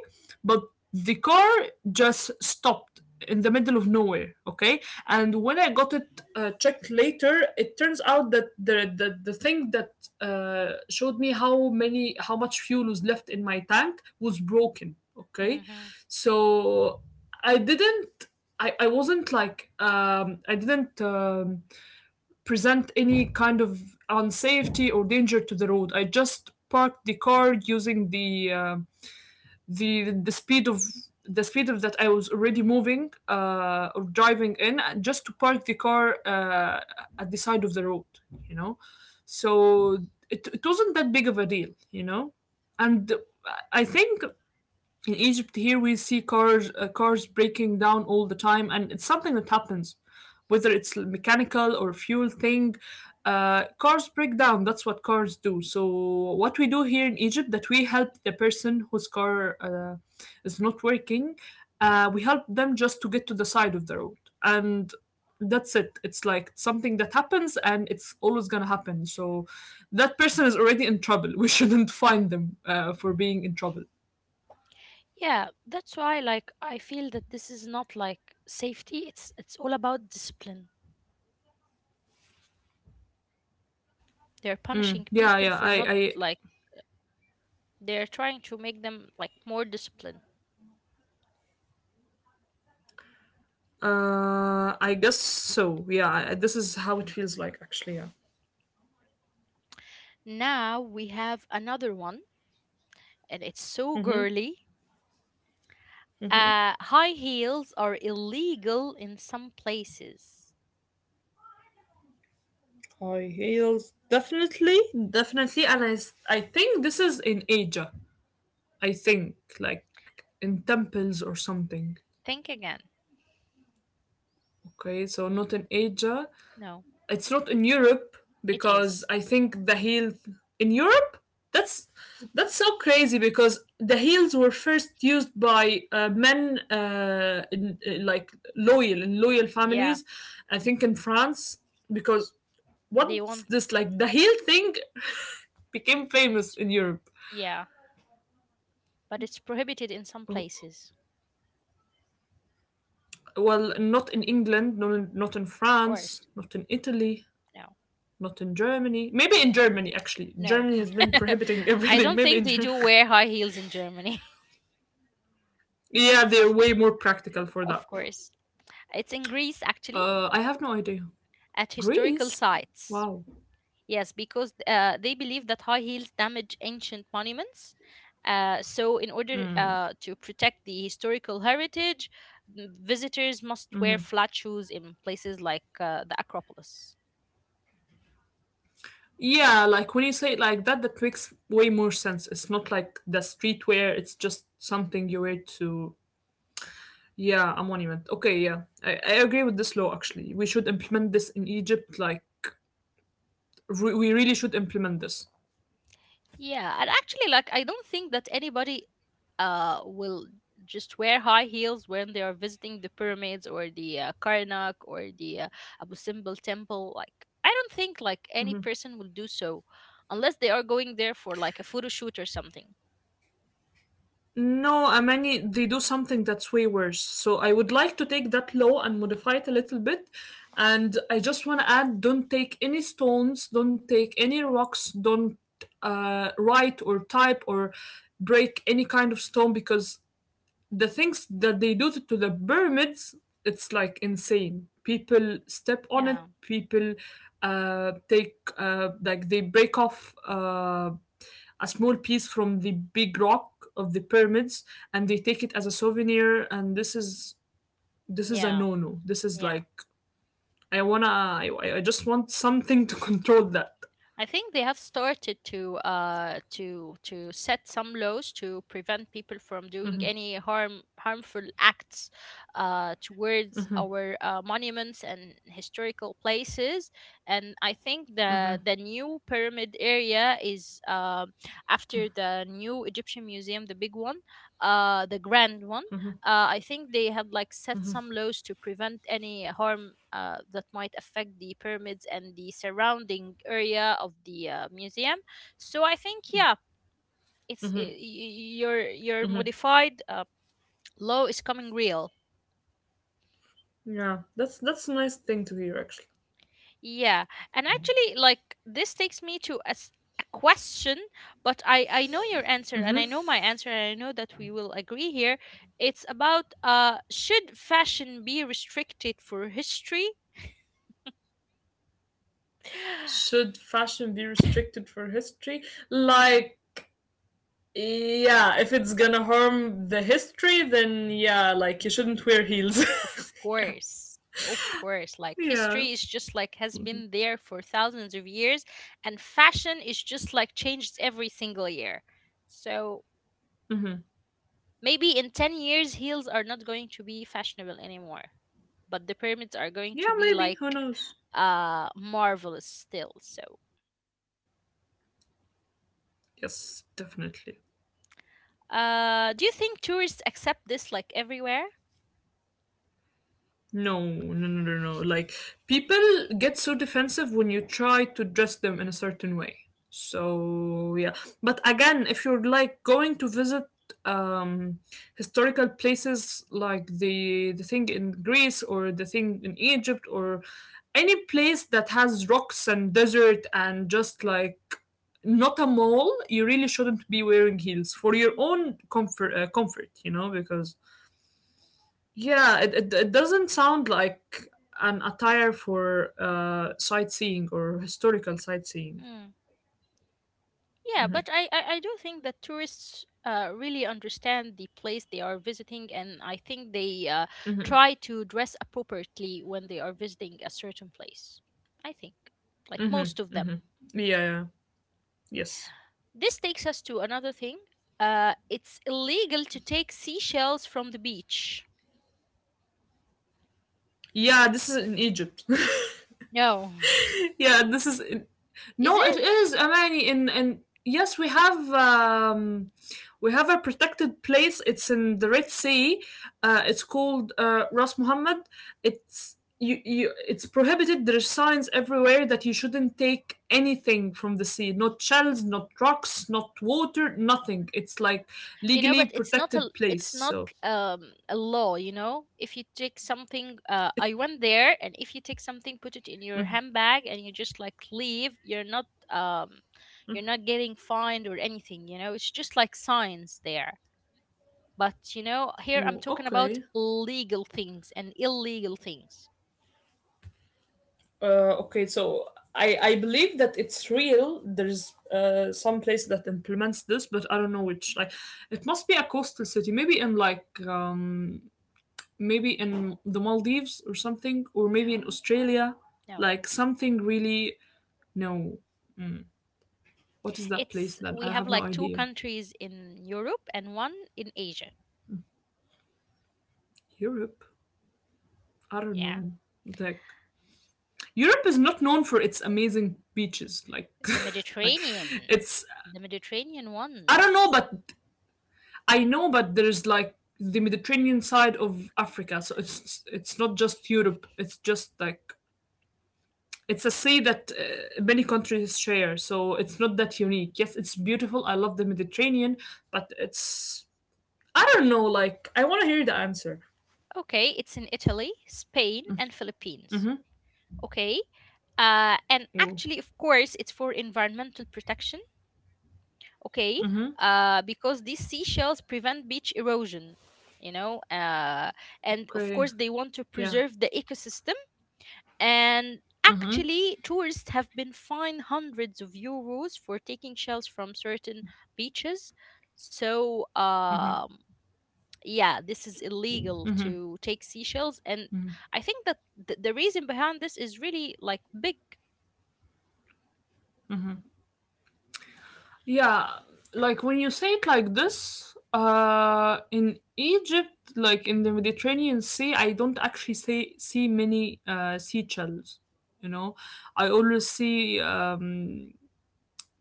B: but the car just stopped in the middle of nowhere, okay. And when I got it uh, checked later, it turns out that the the, the thing that uh, showed me how many how much fuel was left in my tank was broken, okay.
A: Hmm.
B: So I didn't, I, I wasn't like um, I didn't um, present any kind of unsafety or danger to the road. I just parked the car using the uh, the the speed of the speed of that I was already moving uh, or driving in, uh, just to park the car uh, at the side of the road. You know, so it it wasn't that big of a deal. You know, and I think in Egypt here we see cars uh, cars breaking down all the time, and it's something that happens, whether it's mechanical or fuel thing. Uh, cars break down. That's what cars do. So what we do here in Egypt that we help the person whose car uh, is not working. Uh, we help them just to get to the side of the road, and that's it. It's like something that happens, and it's always gonna happen. So that person is already in trouble. We shouldn't find them uh, for being in trouble.
A: Yeah, that's why like I feel that this is not like safety. It's it's all about discipline. They're punishing
B: Yeah,
A: people
B: yeah.
A: for not
B: I,
A: like, they're trying to make them like more disciplined.
B: I, uh, I guess so. Yeah, I, this is how it feels like, actually. Yeah,
A: Now we have another one, and it's so girly. Uh, high heels are illegal in some places.
B: high heels, definitely, definitely. And I, s- I think this is in Asia. I think like in temples or something.
A: Think again.
B: Okay, so not in Asia.
A: No,
B: It's not in Europe
A: it
B: because
A: is.
B: I think the heels in Europe. That's that's so crazy because the heels were first used by uh, men uh, in, uh, like loyal in loyal
A: Yeah,
B: families. I think in France because
A: they
B: what's
A: want
B: this like the heel thing became famous
A: it's
B: in Europe.
A: yeah, but it's prohibited in some places.
B: Well, not in England, not in, not in
A: Of course.
B: France, not in Italy,
A: No,
B: not in Germany. Maybe in
A: no,
B: Germany actually.
A: no.
B: Germany has been prohibiting
A: I
B: everything.
A: don't
B: Maybe
A: think
B: in
A: they
B: Germany.
A: do wear high heels in Germany.
B: Yeah, they're way more practical for
A: Of
B: that.
A: course. It's in Greece actually.
B: Uh, I have no idea.
A: At historical
B: Greece?
A: sites.
B: Wow.
A: Yes, because uh, they believe that high heels damage ancient monuments. Uh, so, in order uh, to protect the historical heritage, m- visitors must wear flat shoes in places like uh, the Acropolis.
B: Yeah, like when you say it like that, that makes way more sense. It's not like the streetwear, it's just something you wear to, yeah, a monument. Okay, yeah. I, I agree with this law actually. We should implement this in Egypt. Like, re- we really should implement this.
A: Yeah, and actually, like, I don't think that anybody uh will just wear high heels when they are visiting the pyramids or the uh, Karnak or the uh, Abu Simbel temple. Like, I don't think like any person will do so unless they are going there for like a photo shoot or something.
B: No, Amani, they do something that's way worse. So I would like to take that law and modify it a little bit. And I just want to add don't take any stones, don't take any rocks, don't uh, write or type or break any kind of stone because the things that they do to the pyramids, it's like insane. People step on it,
A: Yeah,
B: people uh, take, uh, like, they break off. Uh, a small piece from the big rock of the pyramids, and they take it as a souvenir. And this is this is a
A: yeah,
B: no no. This is
A: yeah.
B: like I wanna I, I- just want something to control that.
A: I think they have started to uh to to set some laws to prevent people from doing any harm harmful acts uh towards our uh, monuments and historical places, and I think the the new pyramid area is uh, after the new Egyptian museum, the big one, uh the grand one, uh, I think they have like set some laws to prevent any harm uh, that might affect the pyramids and the surrounding area of the uh, museum. So I think yeah, it's y- y- your your modified uh, law is coming real.
B: Yeah, that's that's a nice thing to hear actually.
A: Yeah, and actually, like this takes me to a, s- a question, but I I know your answer and I know my answer and I know that we will agree here. It's about uh should fashion be restricted for history?
B: Should fashion be restricted for history? Like yeah, if it's gonna harm the history then yeah, like you shouldn't wear heels.
A: Of
B: yeah
A: course. Of course. Like
B: yeah.
A: history is just like has
B: Mm-hmm.
A: been there for thousands of years, and fashion is just like changes every single year. So
B: Mm-hmm.
A: maybe in ten years heels are not going to be fashionable anymore, but the pyramids are going
B: Yeah,
A: to be
B: maybe, who
A: like
B: knows.
A: uh marvelous still. So
B: Yes, definitely.
A: uh do you think tourists accept this like everywhere?
B: No, no, no, no, no. Like people get so defensive when you try to dress them in a certain way. So yeah, but again, if you're like going to visit um historical places, like the the thing in Greece or the thing in Egypt or any place that has rocks and desert and just like not a mall, you really shouldn't be wearing heels for your own comfort, uh, comfort, you know, because yeah, it, it, it doesn't sound like an attire for uh, sightseeing or historical sightseeing.
A: Hmm. Yeah, but I, I, I do think that tourists uh, really understand the place they are visiting, and I think they uh,
B: Hmm.
A: try to dress appropriately when they are visiting a certain place. I think, like
B: Hmm.
A: most of them.
B: Hmm. Yeah, yeah, yes.
A: This takes us to another thing. Uh, it's illegal to take seashells from the beach.
B: Yeah, this is in Egypt.
A: No.
B: Yeah, this is
A: Is
B: no, it
A: it?
B: is Amani, in and yes, we have um we have a protected place. It's in the Red Sea. Uh it's called uh Ras Muhammad. It's you, you, it's prohibited. There's signs everywhere that you shouldn't take anything from the sea, not shells, not rocks, not water, nothing. It's like
A: You know,
B: legally
A: but it's not a,
B: protected place.
A: it's not
B: So
A: um a law, you know. If you take something, uh
B: it,
A: I went there, and if you take something, put it in your handbag and you just like leave, you're not um you're not getting fined or anything, you know. It's just like signs there, but you know, here I'm
B: oh,
A: talking about
B: okay.
A: legal things and illegal things.
B: Uh, okay, so I I believe that it's real. There's uh some place that implements this, but I don't know which. Like, it must be a coastal city, maybe in like um maybe in the Maldives or something, or maybe in
A: No,
B: Australia,
A: no,
B: like something really. No, what is that place
A: it's,
B: then?
A: we
B: I
A: have
B: have no
A: like two
B: idea.
A: countries in Europe and one in Asia.
B: Europe. I don't
A: Yeah,
B: know. Like Europe is not known for its amazing beaches. Like,
A: the
B: like
A: mediterranean
B: it's…
A: the mediterranean
B: I don't know,
A: ones.
B: but I know, but there's like the Mediterranean side of Africa, so it's it's not just Europe. It's just like it's a sea that uh, many countries share, so it's not that unique. Yes, it's beautiful. I love the Mediterranean, but it's I don't know. Like I want to hear the answer.
A: Okay, it's in Italy, Spain, and Philippines.
B: Mm-hmm.
A: Okay, uh, and
B: Mm-hmm.
A: actually, of course, it's for environmental protection. Okay, uh, because these seashells prevent beach erosion. You know, uh, and of
B: Okay.
A: course, they want to
B: Yeah.
A: preserve the ecosystem. And actually, tourists have been fined hundreds of euros for taking shells from certain beaches. So, um, yeah, this is illegal to take seashells, and I think that th- the reason behind this is really like big.
B: Yeah, like when you say it like this, uh, in Egypt, like in the Mediterranean Sea, I don't actually see see many uh, seashells. You know, I always see um,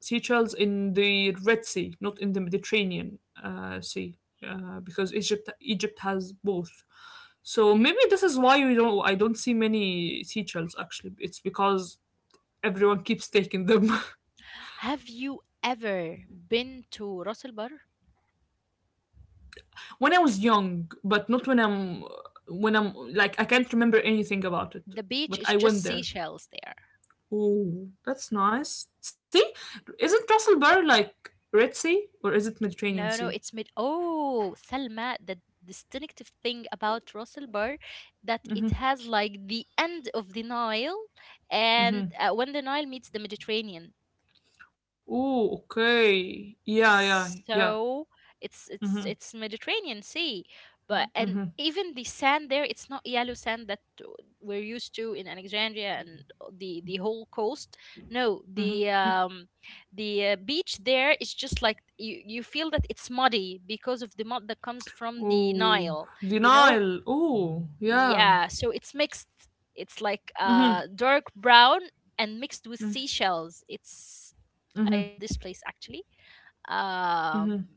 B: seashells in the Red Sea, not in the Mediterranean uh, Sea, uh, because Egypt Egypt has both. So maybe this is why we don't, I don't see many seashells actually. It's because everyone keeps taking them.
A: Have you ever been to Ras al Bar?
B: When I was young, but not when I'm, when I'm like I can't remember anything about it.
A: The beach is
B: But I
A: just
B: went there.
A: seashells there.
B: Oh, that's nice. See, isn't Russell Bar like Red Sea or is it
A: No,
B: Mediterranean
A: no, it's
B: Sea?
A: mid, oh Salma, the distinctive thing about Ras al Bar, that it has like the end of the Nile, and uh,
B: Mm-hmm.
A: when the Nile meets the Mediterranean,
B: Oh, okay. Yeah, yeah, yeah.
A: so it's it's
B: Mm-hmm.
A: it's Mediterranean sea, but and even the sand there, it's not yellow sand that we're used to in Alexandria and the the whole coast. No, the um the uh, beach there is just like, you you feel that it's muddy because of the mud that comes from the
B: Oh,
A: Nile,
B: the
A: you know.
B: Nile. Oh, yeah.
A: Yeah, so it's mixed, it's like
B: Mm-hmm.
A: uh dark brown and mixed with seashells. It's, I love this place actually. um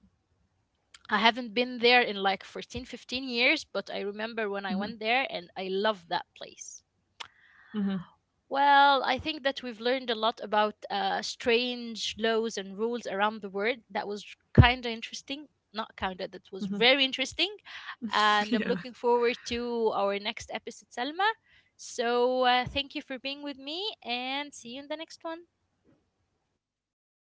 A: I haven't been there in like fourteen, fifteen years, but I remember when I went there and I love that place.
B: Mm-hmm.
A: Well, I think that we've learned a lot about uh, strange laws and rules around the world. That was kind of interesting. Not kind of, that was very interesting. And I'm
B: Yeah.
A: looking forward to our next episode, Salma. So uh, thank you for being with me and see you in the next one.